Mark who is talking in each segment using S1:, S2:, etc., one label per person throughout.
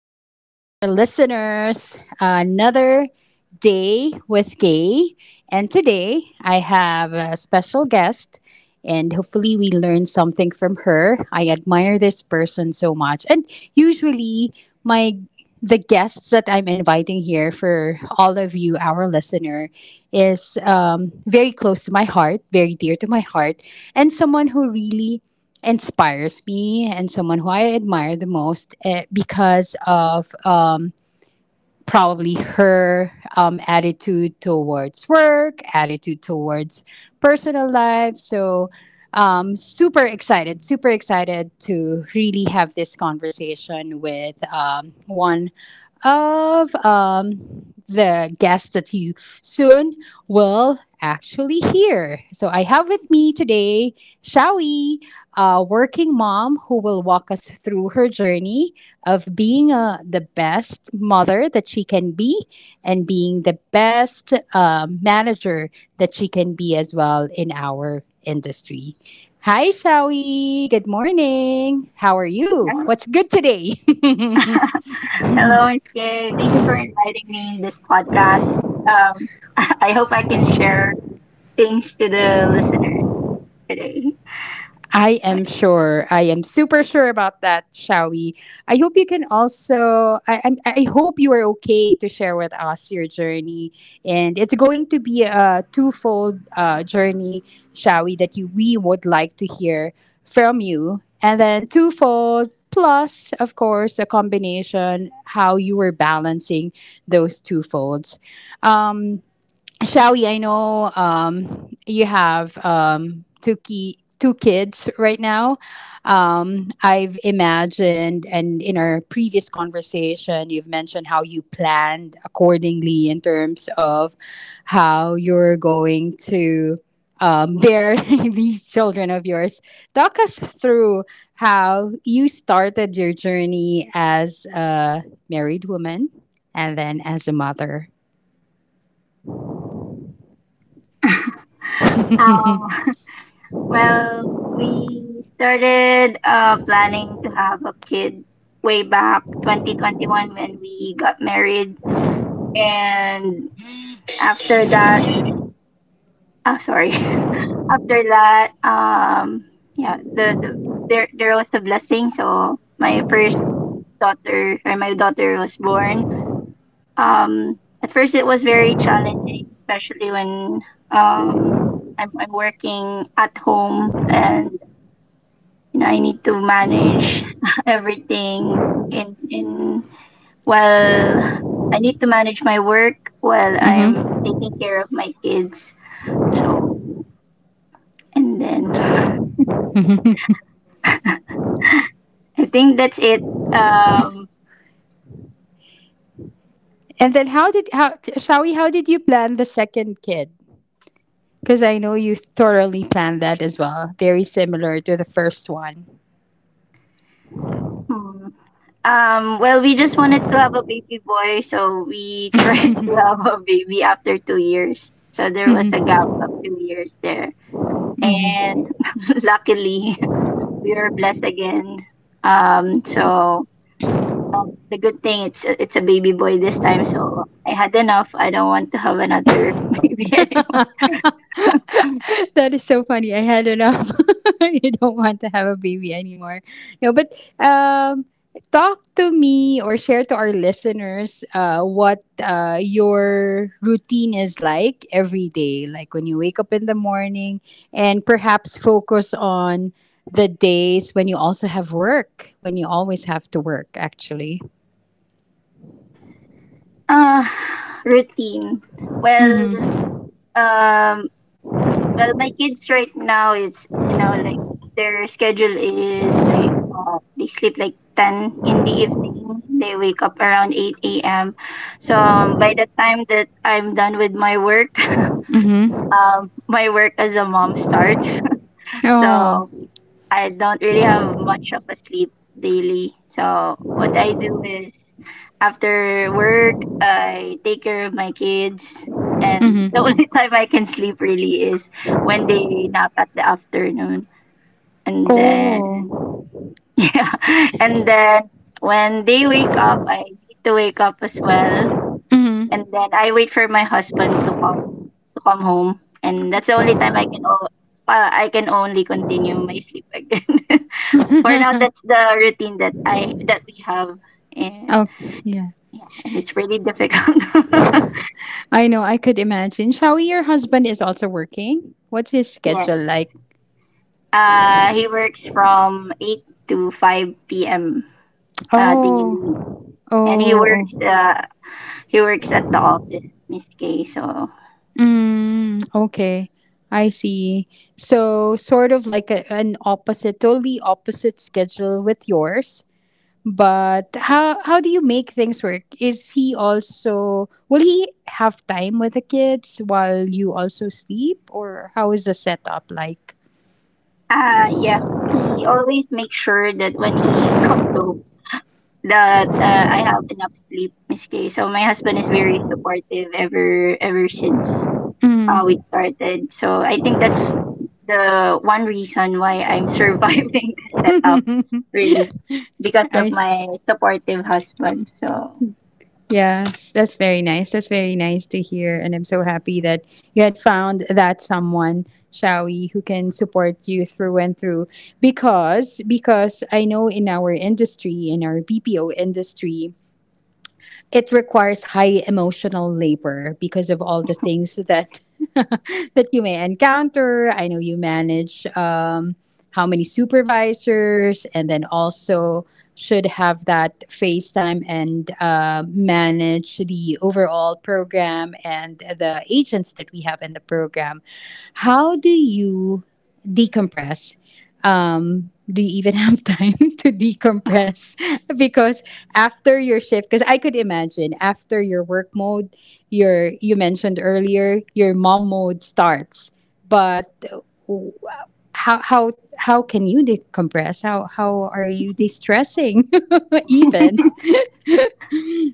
S1: to our listeners. Another day with Gay. And today I have a special guest, and hopefully, we learn something from her. I admire this person so much. And usually, my the guests that I'm inviting here for all of you, our listener, is very close to my heart, very dear to my heart, and someone who really inspires me and someone who I admire the most because of probably her attitude towards work, attitude towards personal life. So, super excited to really have this conversation with one of the guests that you soon will actually hear. So, I have with me today Shawi, a working mom who will walk us through her journey of being the best mother that she can be and being the best manager that she can be as well in our industry. Hi, Shawi. Good morning. How are you?
S2: Hello,
S1: What's good today?
S2: Hello, Miss Kay. Thank you for inviting me in this podcast. Um, I hope I can share things to the listeners today.
S1: I am
S2: Okay.
S1: sure. I am super sure about that, Shawi. I hope you can also. I hope you are okay to share with us your journey, and it's going to be a twofold journey, Shawi, that you we would like to hear from you, and then twofold plus, of course, a combination how you were balancing those two folds. Um, Shelly, I know you have two kids right now. I've imagined, and in our previous conversation, you've mentioned how you planned accordingly in terms of how you're going to bear these children of yours. Talk us through how you started your journey as a married woman and then as a mother.
S2: um, well, we started planning to have a kid way back 2021 when we got married. And after that, oh, sorry. After that, yeah, there was a blessing. So my first daughter or my daughter was born. At first it was very challenging, especially when um I'm working at home, and you know I need to manage everything in while I need to manage my work while I'm
S1: Mm-hmm.
S2: taking care of my kids. So and then I think that's it. Um,
S1: And then how Shawi, how did you plan the second kid? Because I know you thoroughly planned that as well. Very similar to the first one.
S2: hmm. Well, we just wanted to have a baby boy, so we tried to have a baby after 2 years. So there was a gap of 2 years there. And luckily, we are blessed again. So um, the good thing it's a baby boy this time, so I had enough. I don't want to have another baby anymore.
S1: That is so funny. I had enough. You don't want to have a baby anymore. No, but um, talk to me or share to our listeners what your routine is like every day, like when you wake up in the morning, and perhaps focus on the days when you also have work, when you always have to work, actually.
S2: Uh, routine. Well,
S1: Mm-hmm.
S2: um, well, my kids right now, it's, you know, like their schedule is like they sleep like 10 in the evening. They wake up around 8 a.m. So by the time that I'm done with my work,
S1: Mm-hmm.
S2: my work as a mom starts.
S1: Oh.
S2: So I don't really have much of a sleep daily. So what I do is after work, I take care of my kids. And the
S1: Mm-hmm.
S2: only time I can sleep really is when they nap at the afternoon. And then
S1: Oh.
S2: yeah, and then when they wake up, I need to wake up as well, and
S1: Mm-hmm.
S2: then I wait for my husband to come home, and that's the only time I can only continue my sleep again. For now, that's the routine that we have. And
S1: Oh, yeah.
S2: yeah, and it's really difficult.
S1: I know, I could imagine. Shawi, your husband is also working. What's his
S2: Yeah,
S1: schedule like?
S2: he works from 8 to 5 p.m. Daily,
S1: Oh, oh,
S2: and he works
S1: oh.
S2: uh, he works at the office, Miss Kay. So,
S1: Mm, okay. I see. So, sort of like an opposite, totally opposite schedule with yours. But how do you make things work? Is he also will he have time with the kids while you also sleep, or how is the setup like?
S2: ah, yeah, he always makes sure that when he comes home, that I have enough sleep, Miss Kay. So my husband is very supportive ever since we
S1: Mm.
S2: started. So I think that's the one reason why I'm surviving this setup, really, because
S1: I
S2: of
S1: see.
S2: my supportive husband. So,
S1: Yes, that's very nice. That's very nice to hear. And I'm so happy that you had found that someone, Shawi, who can support you through and through. Because I know in our industry, in our BPO industry, it requires high emotional labor because of all the things that that you may encounter. I know you manage how many supervisors, and then also should have that face time and manage the overall program and the agents that we have in the program. How do you decompress? Do you even have time to decompress? Because after your shift, because I could imagine after your work mode, you mentioned earlier your mom mode starts, but w- how how how can you decompress? How are you de-stressing even?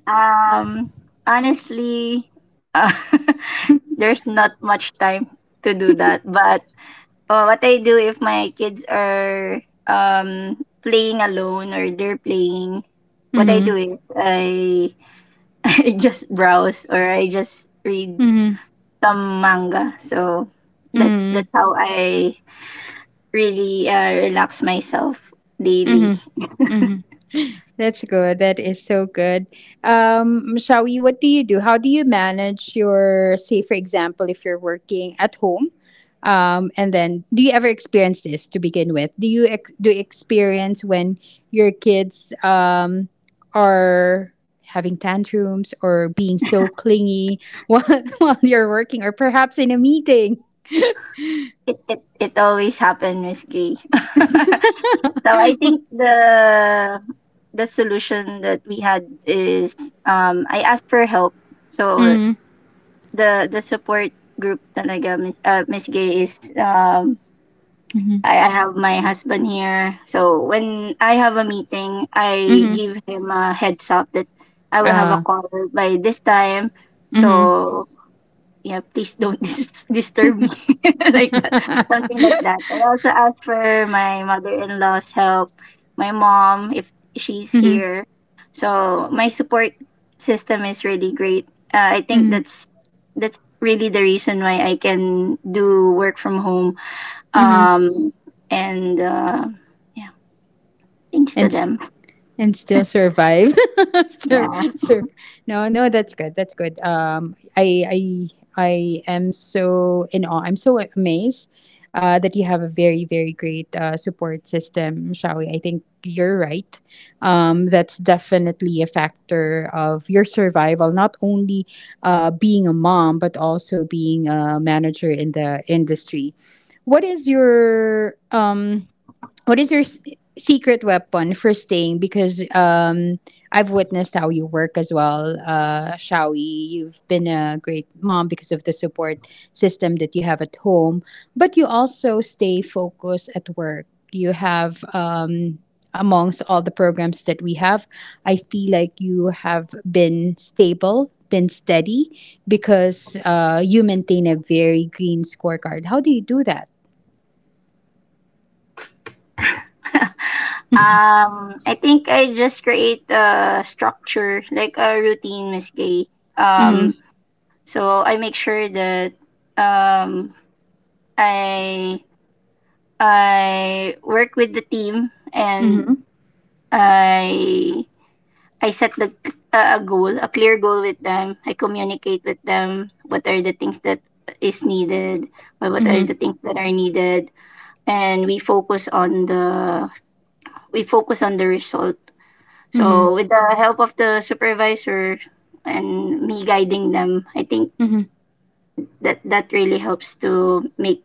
S2: um, honestly, uh, there's not much time to do that, but oh, what I do if my kids are playing alone or they're playing, what I
S1: Mm-hmm,
S2: do is I I just browse, or I just read
S1: mm-hmm,
S2: some manga. So that's
S1: mm-hmm,
S2: that's how I really relax myself daily.
S1: mm-hmm. That's good. That is so good. Shawi, what do you do? How do you manage your, say, for example, if you're working at home? And then, do you ever experience this to begin with? Do you experience when your kids are having tantrums or being so clingy while, while you're working, or perhaps in a meeting?
S2: It always happens, Miss Gay. So I think the solution that we had is I asked for help. So
S1: Mm-hmm.
S2: the support group talaga Miss, Miss Gay is,
S1: Mm-hmm.
S2: I have my husband here. So when I have a meeting, I
S1: Mm-hmm.
S2: give him a heads up that I will have a
S1: Uh,
S2: call by this time.
S1: mm-hmm.
S2: So yeah, please don't disturb me, like that, something like that. I also asked for my mother-in-law's help, my mom if she's
S1: Mm-hmm.
S2: here. So my support system is really great. I think that's really the reason why I can do work from home.
S1: Mm-hmm.
S2: Um, and yeah, thanks to
S1: and s-
S2: them.
S1: and still survive. Sur,
S2: Yeah.
S1: sur. No, no, that's good. That's good. I am so in awe. I'm so amazed that you have a very great support system, Shawi. I think you're right. That's definitely a factor of your survival. Not only being a mom, but also being a manager in the industry. What is your What is your s- secret weapon for staying? Because I've witnessed how you work as well, Shawi. You've been a great mom because of the support system that you have at home, but you also stay focused at work. You have, amongst all the programs that we have, I feel like you have been stable, been steady, because you maintain a very green scorecard. How do you do that?
S2: I think I just create a structure, like a routine, Miss Gay.
S1: Mm-hmm.
S2: Um, So I make sure that um, I I work with the team, and
S1: Mm-hmm.
S2: I I set the a goal, a clear goal with them. I communicate with them what are the things that is needed, or what are the things that are needed, and we focus on the result.
S1: Mm-hmm.
S2: So with the help of the supervisor and me guiding them, I think
S1: Mm-hmm,
S2: that that really helps to make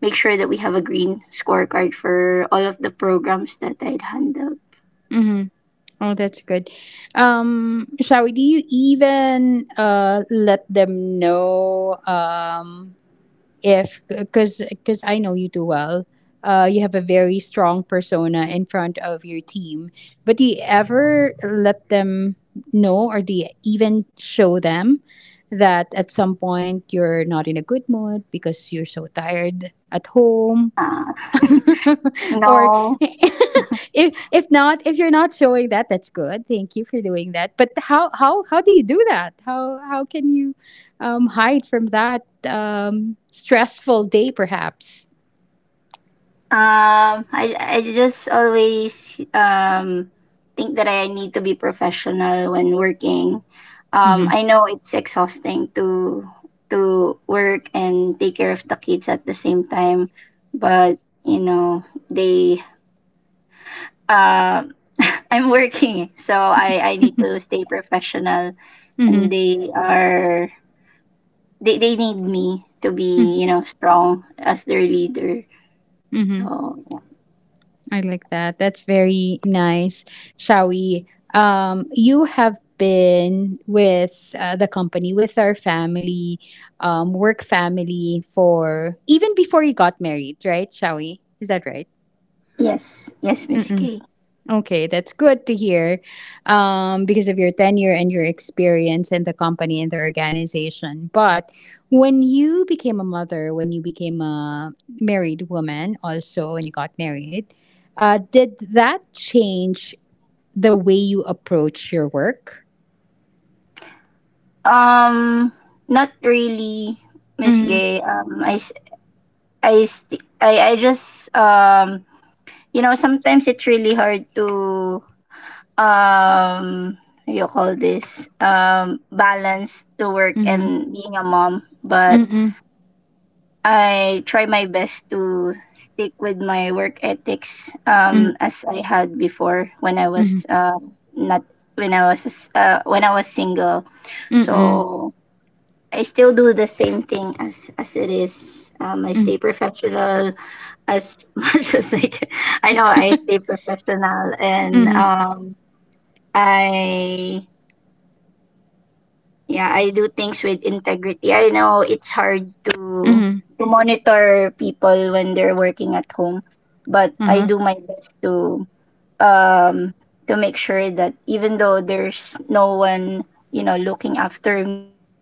S2: make sure that we have a green scorecard for all of the programs that I'd handled.
S1: mm-hmm. Oh, that's good. Shawi, do you even let them know if because I know you too well. You have a very strong persona in front of your team, but do you ever let them know, or do you even show them that at some point you're not in a good mood because you're so tired at home
S2: Uh,
S1: or
S2: no,
S1: if not, if you're not showing that, that's good, thank you for doing that, but how do you do that? How can you hide from that stressful day perhaps?
S2: I just always think that I need to be professional when working.
S1: Mm-hmm.
S2: I know it's exhausting to work and take care of the kids at the same time, but you know they uh, I'm working, so I need to stay professional,
S1: Mm-hmm.
S2: and they are they need me to be, you know, strong as their leader.
S1: Mm-hmm.
S2: So
S1: I like that. That's very nice, shall we you have been with the company, with our family work family, for even before you got married, right, shall we is that right?
S2: yes, yes, Miss Gay.
S1: Okay, that's good to hear because of your tenure and your experience in the company and the organization. But when you became a mother, when you became a married woman, also when you got married, did that change the way you approach your work?
S2: Um, not really, Miss
S1: Mm
S2: Gay. I s- I st- I just you know, sometimes it's really hard to um, what you call this balance to work
S1: hmm.
S2: and being a mom. But
S1: Mm hmm.
S2: I try my best to stick with my work ethics
S1: Mm
S2: as I had before when I
S1: hmm.
S2: was
S1: Mm
S2: not when I was when I was single.
S1: hmm. Mm
S2: So I still do the same thing as it is. I
S1: hmm. Mm
S2: stay professional as much as I can. I know I stay professional, and
S1: hmm.
S2: I yeah, I do things with integrity. I know it's hard
S1: Mm hmm.
S2: to monitor people when they're working at home, but I
S1: Mm
S2: do my best um to make sure that even though there's no one, you know, looking after me or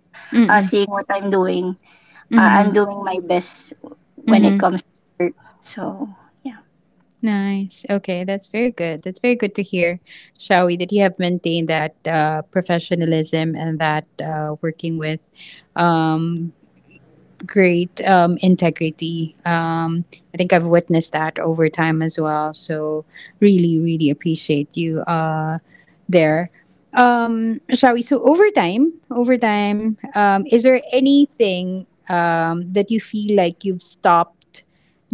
S1: hmm.
S2: seeing what I'm
S1: Mm
S2: doing my best when
S1: hmm.
S2: it comes. So, yeah.
S1: Nice. Okay, that's very good. That's very good to hear, Shawi, that you have maintained that professionalism and that working with um, great integrity. I think I've witnessed that over time as well. So, really, really appreciate you there. Shawi, so over time, is there anything that you feel like you've stopped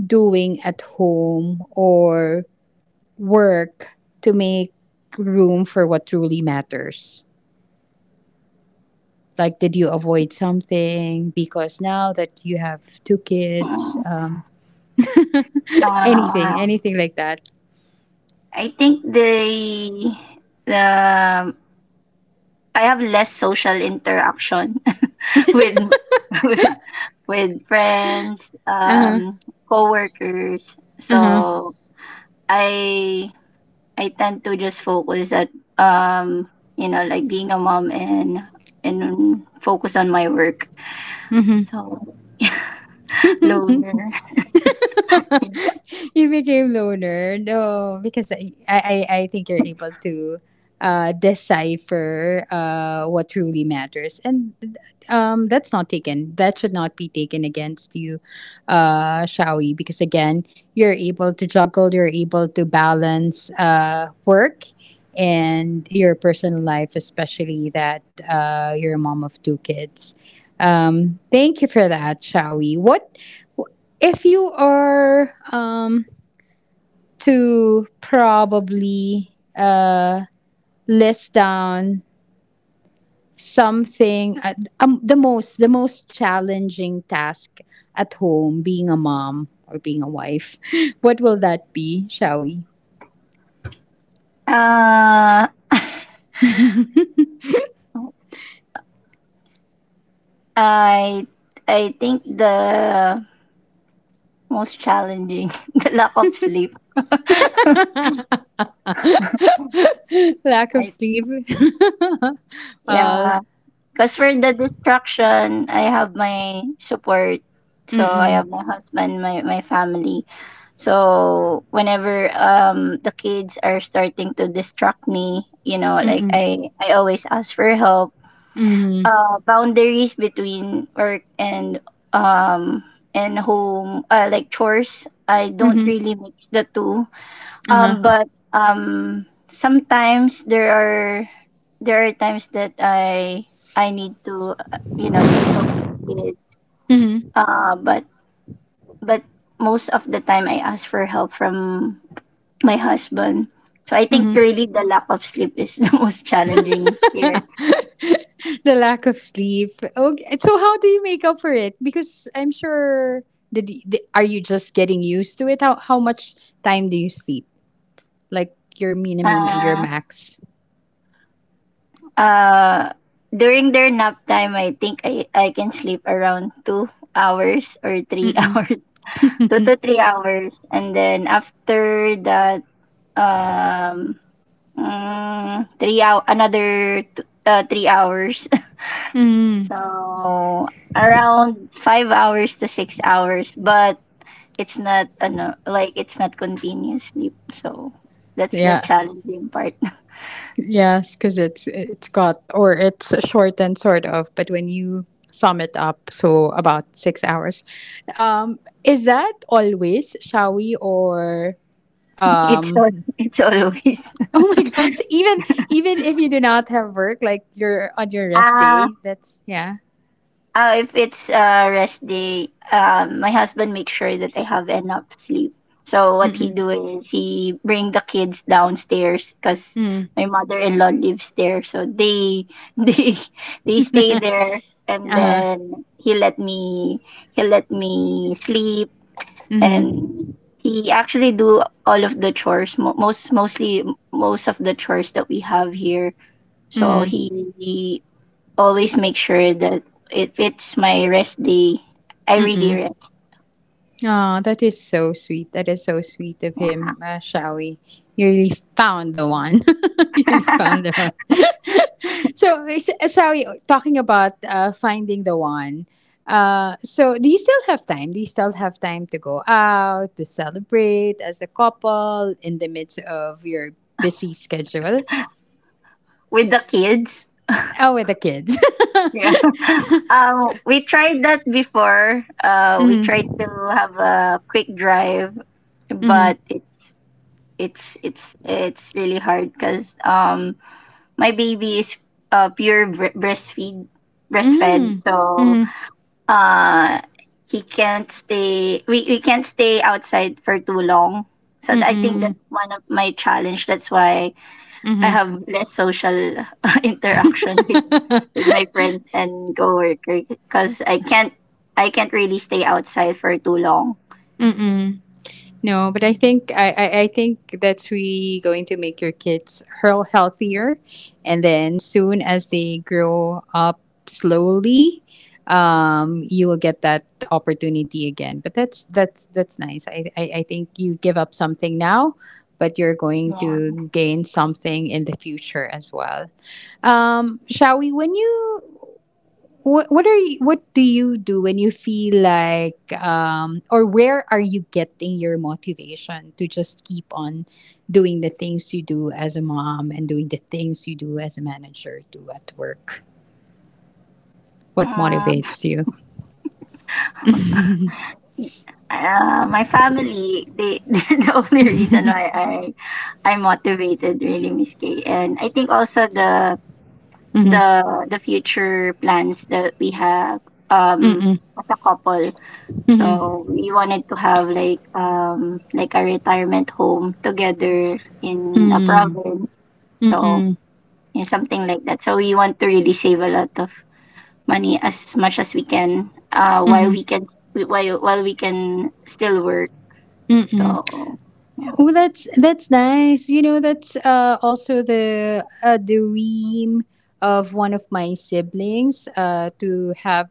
S1: doing at home or work to make room for what truly matters? Like, did you avoid something because now that you have two kids,
S2: Mm. Uh,
S1: anything like that?
S2: I think the I have less social interaction with with, with friends,
S1: Uh
S2: coworkers.
S1: huh.
S2: So I I tend to just focus at um, you know, like being a mom and focus on my work.
S1: Uh huh.
S2: So loner.
S1: You became loner. No, because I think you're able to decipher what truly matters. And that's not taken. That should not be taken against you, Shawi, because again, you're able to juggle, you're able to balance work and your personal life, especially that you're a mom of two kids. Thank you for that, Shawi. What if you are to probably uh, list down something the most challenging task at home being a mom or being a wife? What will that be, shall we
S2: Uh, I I think the most challenging the lack of sleep. I
S1: Lack of sleep. Uh,
S2: yeah, because for the distraction, I have my support. So I have my husband, my family. So whenever the kids are starting to distract me, you know, like I always ask for help.
S1: mm-hmm,
S2: Boundaries between work um and home, like chores, I don't
S1: mm-hmm,
S2: really mix the two.
S1: uh-huh,
S2: But sometimes there are times that I need to you know, like help my kids.
S1: mm-hmm,
S2: Uh, but but most of the time I ask for help from my husband. So I think
S1: mm-hmm.
S2: really the lack of sleep is the most challenging here.
S1: The lack of sleep. Okay. So how do you make up for it? Because I'm sure, did, are you just getting used to it? How much time do you sleep? Like your minimum and your
S2: Uh,
S1: max?
S2: uh, during their nap time, I think I can sleep around 2 hours or three
S1: Mm-mm.
S2: hours, 2 to 3 hours, and then after that um 3 hours.
S1: Mm.
S2: So around 5 hours to 6 hours, but it's not like, it's not continuous sleep, so that's the
S1: Yeah.
S2: challenging part.
S1: Yes, because it's got, or it's shortened sort of, but when you sum it up, so about 6 hours. Is that always, Shall we or
S2: It's
S1: um
S2: it's always
S1: oh my gosh. Even if you do not have work, like you're on your rest
S2: ah.
S1: day, that's yeah.
S2: If it's a rest day, my husband makes sure that I have enough sleep. So what he
S1: Mm-mm.
S2: do is he bring the kids downstairs because
S1: Mm.
S2: my mother-in-law lives there. So they they they stay there, and
S1: Uh-huh.
S2: then he let me sleep,
S1: Mm-hmm.
S2: and he actually do all of the chores, most of the chores that we have here. So
S1: Mm-hmm.
S2: he always make sure that if it's my rest day, I really
S1: Mm-mm.
S2: rest
S1: Oh, that is so sweet. That is so sweet of him, Shawi. You really found the one. You really found the one. So, Shawi, talking about finding the one. So, do you still have time? Do you still have time to go out to celebrate as a couple in the midst of your busy schedule?
S2: with the kids.
S1: Oh, with the kids.
S2: Yeah. We tried that before. We tried
S1: Mm-hmm.
S2: to have a quick drive,
S1: Mm-hmm.
S2: but it's it's really hard because my baby is pure bre- breastfeed breastfed,
S1: Mm-hmm.
S2: so uh he can't stay, we can't stay outside for too long, so I think
S1: Mm-hmm.
S2: that's one of my challenge. That's why I
S1: Mm-hmm.
S2: have less social interaction with my friends and coworker because I can't really stay outside for too long.
S1: Mm-hmm. No, but I think that's really going to make your kids hurl healthier, and then soon as they grow up slowly, you will get that opportunity again. But that's nice. I think you give up something now, but you're going
S2: Yeah.
S1: to gain something in the future as well. Shall we? When you what do you do when you feel like or where are you getting your motivation to just keep on doing the things you do as a mom and doing the things you do as a manager do at work? What
S2: Um,
S1: motivates you?
S2: my family they the only reason why I'm motivated, really, Miss Kay. And I think also
S1: Mm-hmm.
S2: the the future plans that we have um
S1: Mm-mm.
S2: as a couple. So we wanted to have like a retirement home together in a province. So
S1: Mm-mm.
S2: yeah, something like that. So we want to really save a lot of money as much as we can while
S1: Mm-hmm.
S2: we can while we can still work.
S1: Mm-mm.
S2: So yeah.
S1: Oh, that's nice. You know, that's also the dream of one of my siblings to have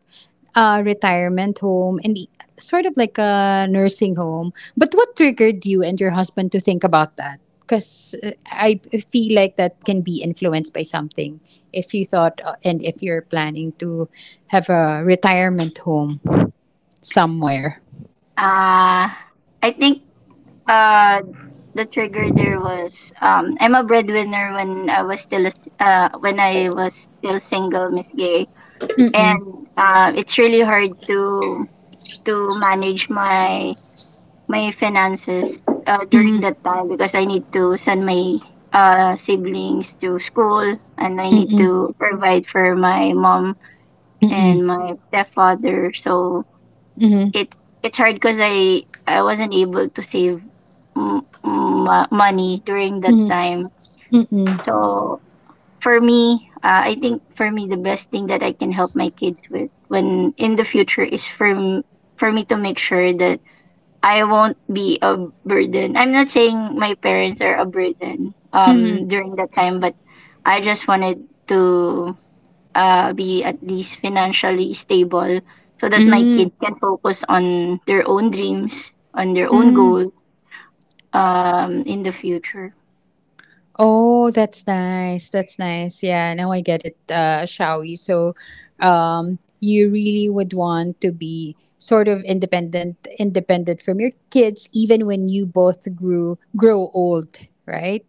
S1: a retirement home and sort of like a nursing home. But what triggered you and your husband to think about that? Because I feel like that can be influenced by something. If you thought and if you're planning to have a retirement home somewhere.
S2: Uh I think uh the trigger there was I'm a breadwinner when I was still a- when I was still single, Miss Gay, and it's really hard to manage my my finances during
S1: Mm-mm,
S2: that time because I need to send my siblings to school, and I need
S1: mm-mm,
S2: to provide for my mom
S1: mm-mm,
S2: and my stepfather. So
S1: mm-mm,
S2: it it's hard because I wasn't able to save money during that time.
S1: mm-mm.
S2: So for me, I think for me, the best thing that I can help my kids with when in the future is for me to make sure that I won't be a burden. I'm not saying my parents are a burden during that time, but I just wanted to be at least financially stable so that my
S1: Mm,
S2: kid can focus on their own dreams, on their own
S1: mm.
S2: goal in the future.
S1: Oh, that's nice. That's nice. Yeah, now I get it, Shawi. So, you really would want to be sort of independent, independent from your kids, even when you both grew grow old, right?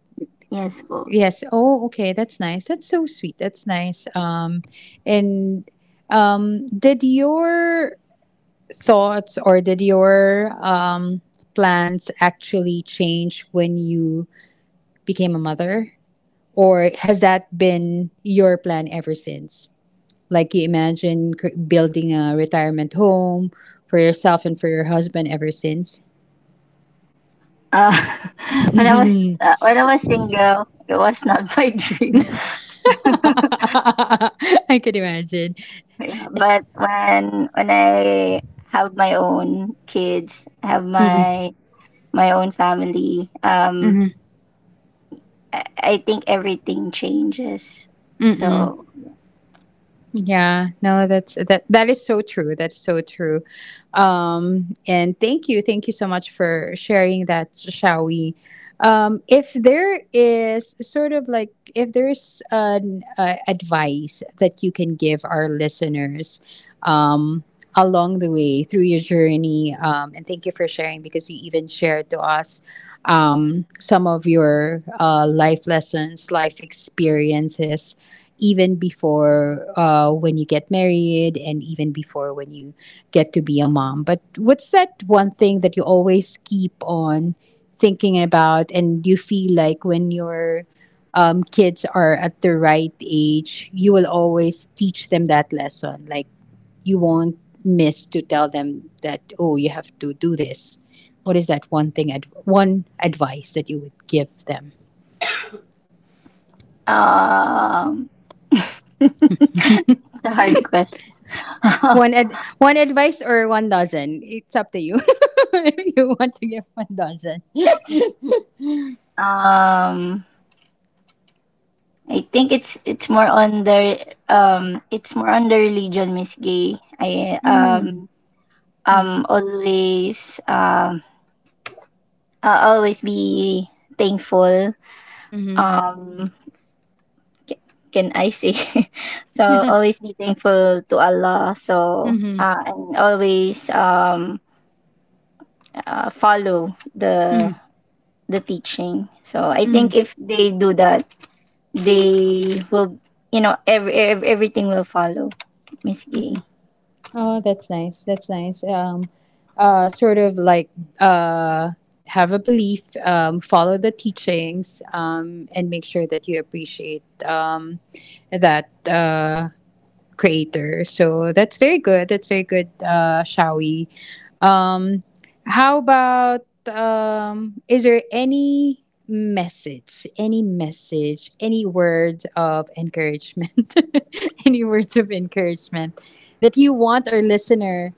S2: Yes po.
S1: Yes. Oh, okay. That's nice. That's so sweet. That's nice. And did your thoughts or did your plans actually change when you became a mother? Or has that been your plan ever since? Like you imagine building a retirement home for yourself and for your husband ever since?
S2: Uh, when I was when I was single, it was not my dream.
S1: I can imagine.
S2: yeah,
S1: Yes.
S2: but when I have my own kids, have my my own family, I think everything changes. So
S1: Yeah, no, that that is so true. That's so true. And thank you so much for sharing that, Shawi. If there is sort of like if there's an advice that you can give our listeners um, along the way through your journey, and thank you for sharing because you even shared to us some of your life lessons, life experiences even before when you get married and even before when you get to be a mom. But what's that one thing that you always keep on thinking about and you feel like when your kids are at the right age, you will always teach them that lesson? Like, you won't miss to tell them that, oh, you have to do this. What is that one thing, one advice that you would give them?
S2: Um, it's a hard question.
S1: One one advice or one dozen. It's up to you. If you want to give one dozen.
S2: um, I think it's more on the it's more on the religion, Miss Gay. I
S1: Mm. Mm-hmm.
S2: always I'll always be thankful.
S1: Mm-hmm.
S2: Um, ca- can I say? So always be thankful to Allah. So
S1: mm-hmm.
S2: and always follow the teaching. So I
S1: Mm-hmm.
S2: think if they do that, they will, you know, everything will follow, Miss Gay.
S1: Oh, that's nice. That's nice. Sort of like, uh, have a belief, follow the teachings, and make sure that you appreciate, that creator. So that's very good. That's very good, Shawi. Um, how about, is there any message, any message, any words of encouragement, any words of encouragement that you want our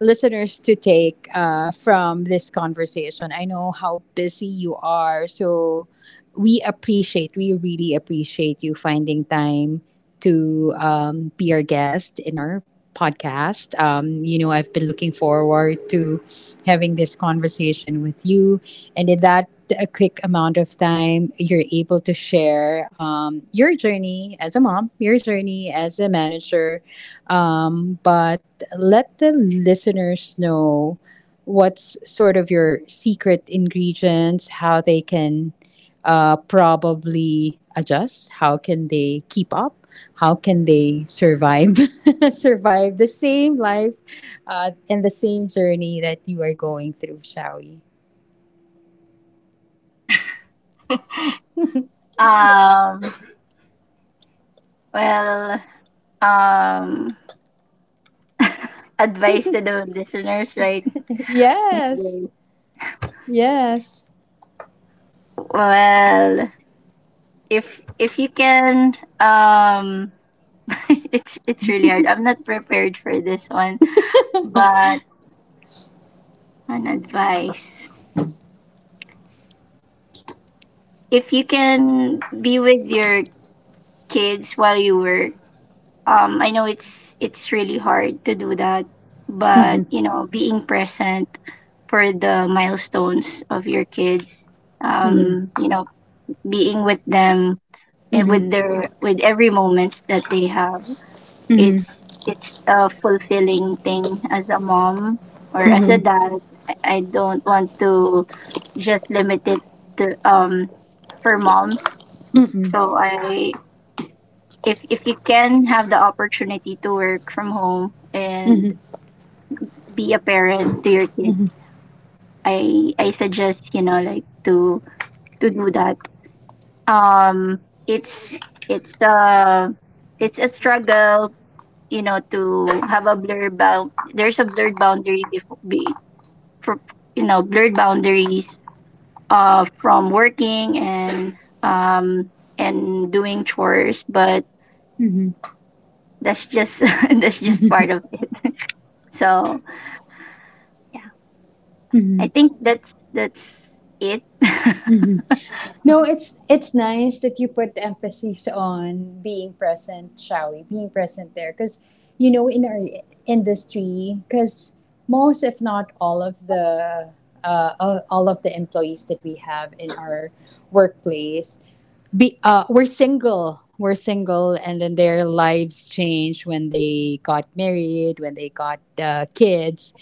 S1: listeners to take from this conversation? I know how busy you are, so we appreciate, we really appreciate you finding time to, be our guest in our podcast. You know, I've been looking forward to having this conversation with you. And in that a quick amount of time, you're able to share, your journey as a mom, your journey as a manager. But let the listeners know what's sort of your secret ingredients, how they can probably adjust, how can they keep up, how can they survive survive the same life and the same journey that you are going through, Shawi.
S2: Um, well, um, advice to the listeners, right? Miss
S1: Yes.
S2: Gay?
S1: Yes.
S2: Well, if you can, um, it's really hard. I'm not prepared for this one, but an advice: if you can be with your kids while you work, I know it's really hard to do that, but
S1: Mhm,
S2: you know, being present for the milestones of your kids,
S1: mhm,
S2: um you know being with them and
S1: mhm,
S2: with their with every moment that they have, it's
S1: mhm,
S2: it's a fulfilling thing as a mom or as a
S1: mhm,
S2: dad. I don't want to just limit it to for moms.
S1: mhm,
S2: So I if you can have the opportunity to work from home and be a parent to your kids,
S1: mhm,
S2: I suggest, you know, like to do that. Um, it's it's uh it's a struggle, you know, to have a blurred bound. There's a blurred boundary before be for you know blurred boundaries from working um and doing chores, but
S1: mhm,
S2: that's just that's just part of it. So yeah, I think that's it.
S1: mhm. No, it's nice that you put the emphasis on being present, shall we? Being present there, because you know in our industry, because most, if not all of the all of the employees that we have in our workplace, be we're single, and then their lives change when they got married, when they got kids,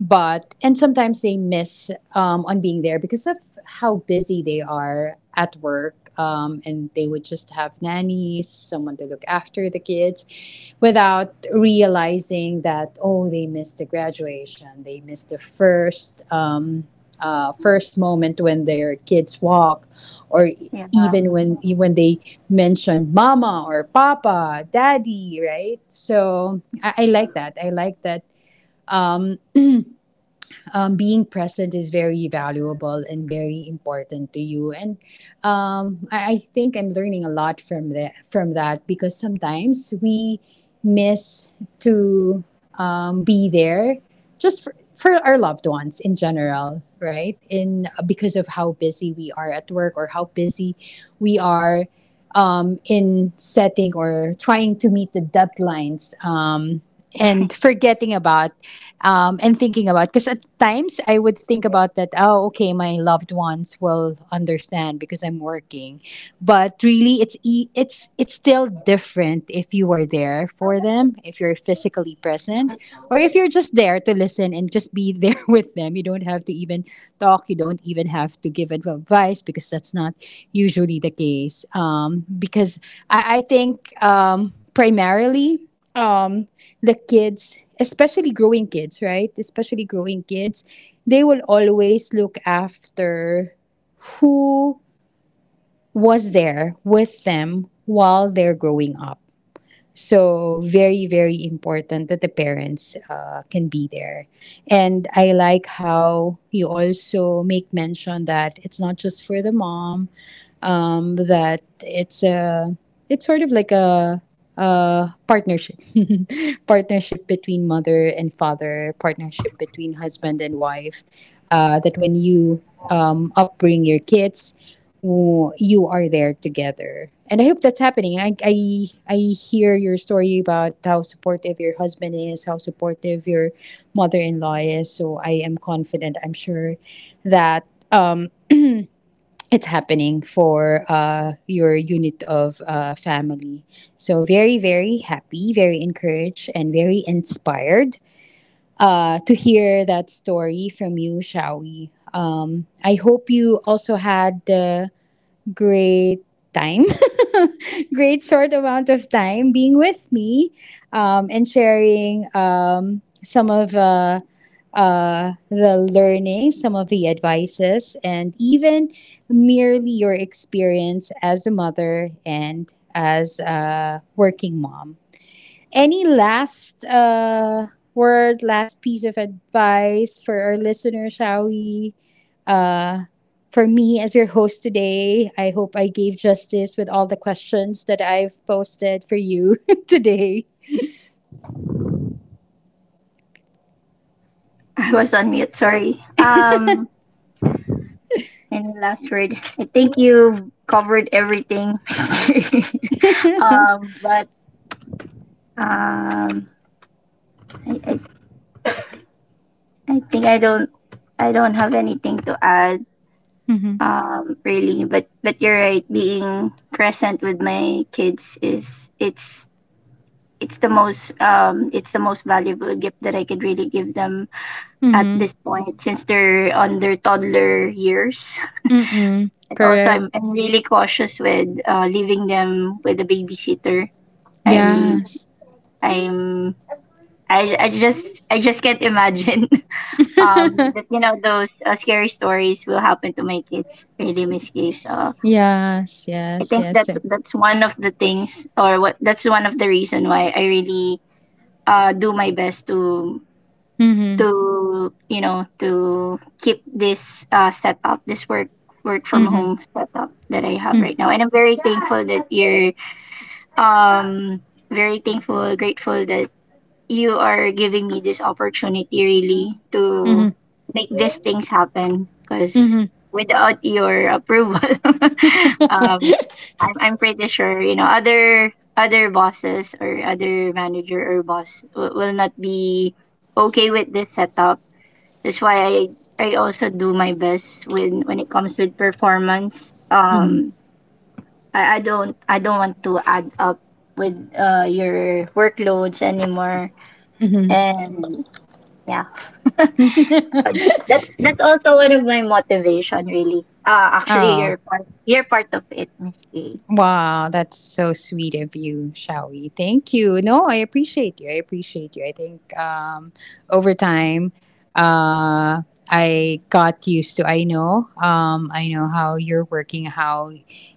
S1: but and sometimes they miss on being there because of how busy they are at work, and they would just have nannies, someone to look after the kids without realizing that, oh, they missed the graduation, they missed the first, first moment when their kids walk or
S2: Yeah.
S1: even when they mention mama or papa, daddy, right? I like that, I like that, um, being present is very valuable and very important to you. And I think I'm learning a lot from that, from that, because sometimes we miss to, be there just for our loved ones in general, right? In because of how busy we are at work or how busy we are, in setting or trying to meet the deadlines, and forgetting about, and thinking about, because at times I would think about that. Oh, okay, my loved ones will understand because I'm working, but really, it's still different if you are there for them, if you're physically present, or if you're just there to listen and just be there with them. You don't have to even talk. You don't even have to give advice because that's not usually the case. Because I think, primarily. Um, the kids, especially growing kids, right? Especially growing kids, they will always look after who was there with them while they're growing up. So, very, very important that the parents can be there. And I like how you also make mention that it's not just for the mom, that it's a, it's sort of like a partnership, partnership between mother and father, partnership between husband and wife, that when you, upbring your kids, you are there together, and I hope that's happening. I hear your story about how supportive your husband is, how supportive your mother-in-law is, so I am confident, I'm sure that, um, it's happening for your unit of family. So, very, very happy, very encouraged, and very inspired to hear that story from you, Shawi. I hope you also had the great time, great short amount of time being with me, and sharing, some of the learning, some of the advices, and even merely your experience as a mother and as a working mom. Any last word, last piece of advice for our listeners, shall we? Uh, for me, as your host today, I hope I gave justice with all the questions that I've posted for you today.
S2: I was on mute, sorry. And last word, I think you've covered everything. um, but um, I, I, I think I don't have anything to add.
S1: Mm-hmm.
S2: Really, but you're right. Being present with my kids is it's the most valuable gift that I could really give them at
S1: Mm-hmm.
S2: this point since they're on their toddler years.
S1: Mm-mm.
S2: And also,
S1: Correct.
S2: I'm really cautious with leaving them with a babysitter. I'm
S1: Yes.
S2: I'm I just can't imagine that, you know, those scary stories will happen to my kids, really, Miss Kay. So
S1: Yes.
S2: I
S1: Yes.
S2: think
S1: Yes.
S2: that's one of the things, or what that's one of the reason why I really do my best to
S1: Mm-hmm.
S2: to you know, to keep this setup, this work from
S1: Mm-hmm.
S2: home setup that I have right now. And I'm very thankful that you're um very thankful, grateful that you are giving me this opportunity really to
S1: Mm-hmm.
S2: make these things happen, because
S1: Mm-hmm.
S2: without your approval um I'm pretty sure, you know, other bosses or other manager or boss w- will not be okay with this setup. That's why I also do my best when it comes with performance.
S1: Mm-hmm.
S2: Um, I don't I don't want to add up with your workloads anymore.
S1: Mm-hmm.
S2: And yeah. That's also one of my motivation, really. Uh, actually
S1: Oh.
S2: you're part you're part of it, Miss A.
S1: Wow, that's so sweet of you, Shawi. Thank you. No, I appreciate you. I appreciate you. I think, over time, uh, I got used to. I know. I know how you're working. How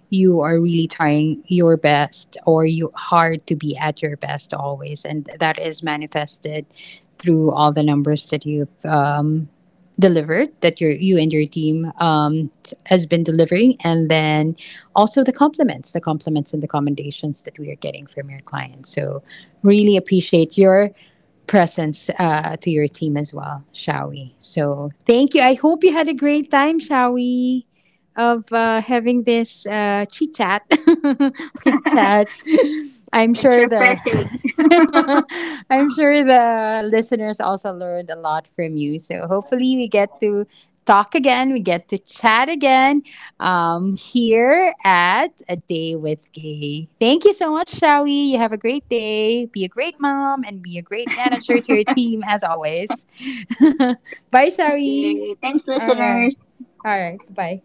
S1: you are really trying your best, or you hard to be at your best always, and that is manifested through all the numbers that you've, delivered. That your you and your team, has been delivering, and then also the compliments and the commendations that we are getting from your clients. So, really appreciate your presence to your team as well, shall we? So, thank you. I hope you had a great time, shall we? Of having this chit chat, quick chat. I'm
S2: It's
S1: sure the
S2: refreshing.
S1: I'm sure the listeners also learned a lot from you. So hopefully we get to talk again, we get to chat again, here at A Day with Gay. Thank you so much, Shawi. You have a great day. Be a great mom and be a great manager to your team as always. Bye, Shawi.
S2: Okay. Thanks,
S1: All right.
S2: listeners.
S1: All right. Bye.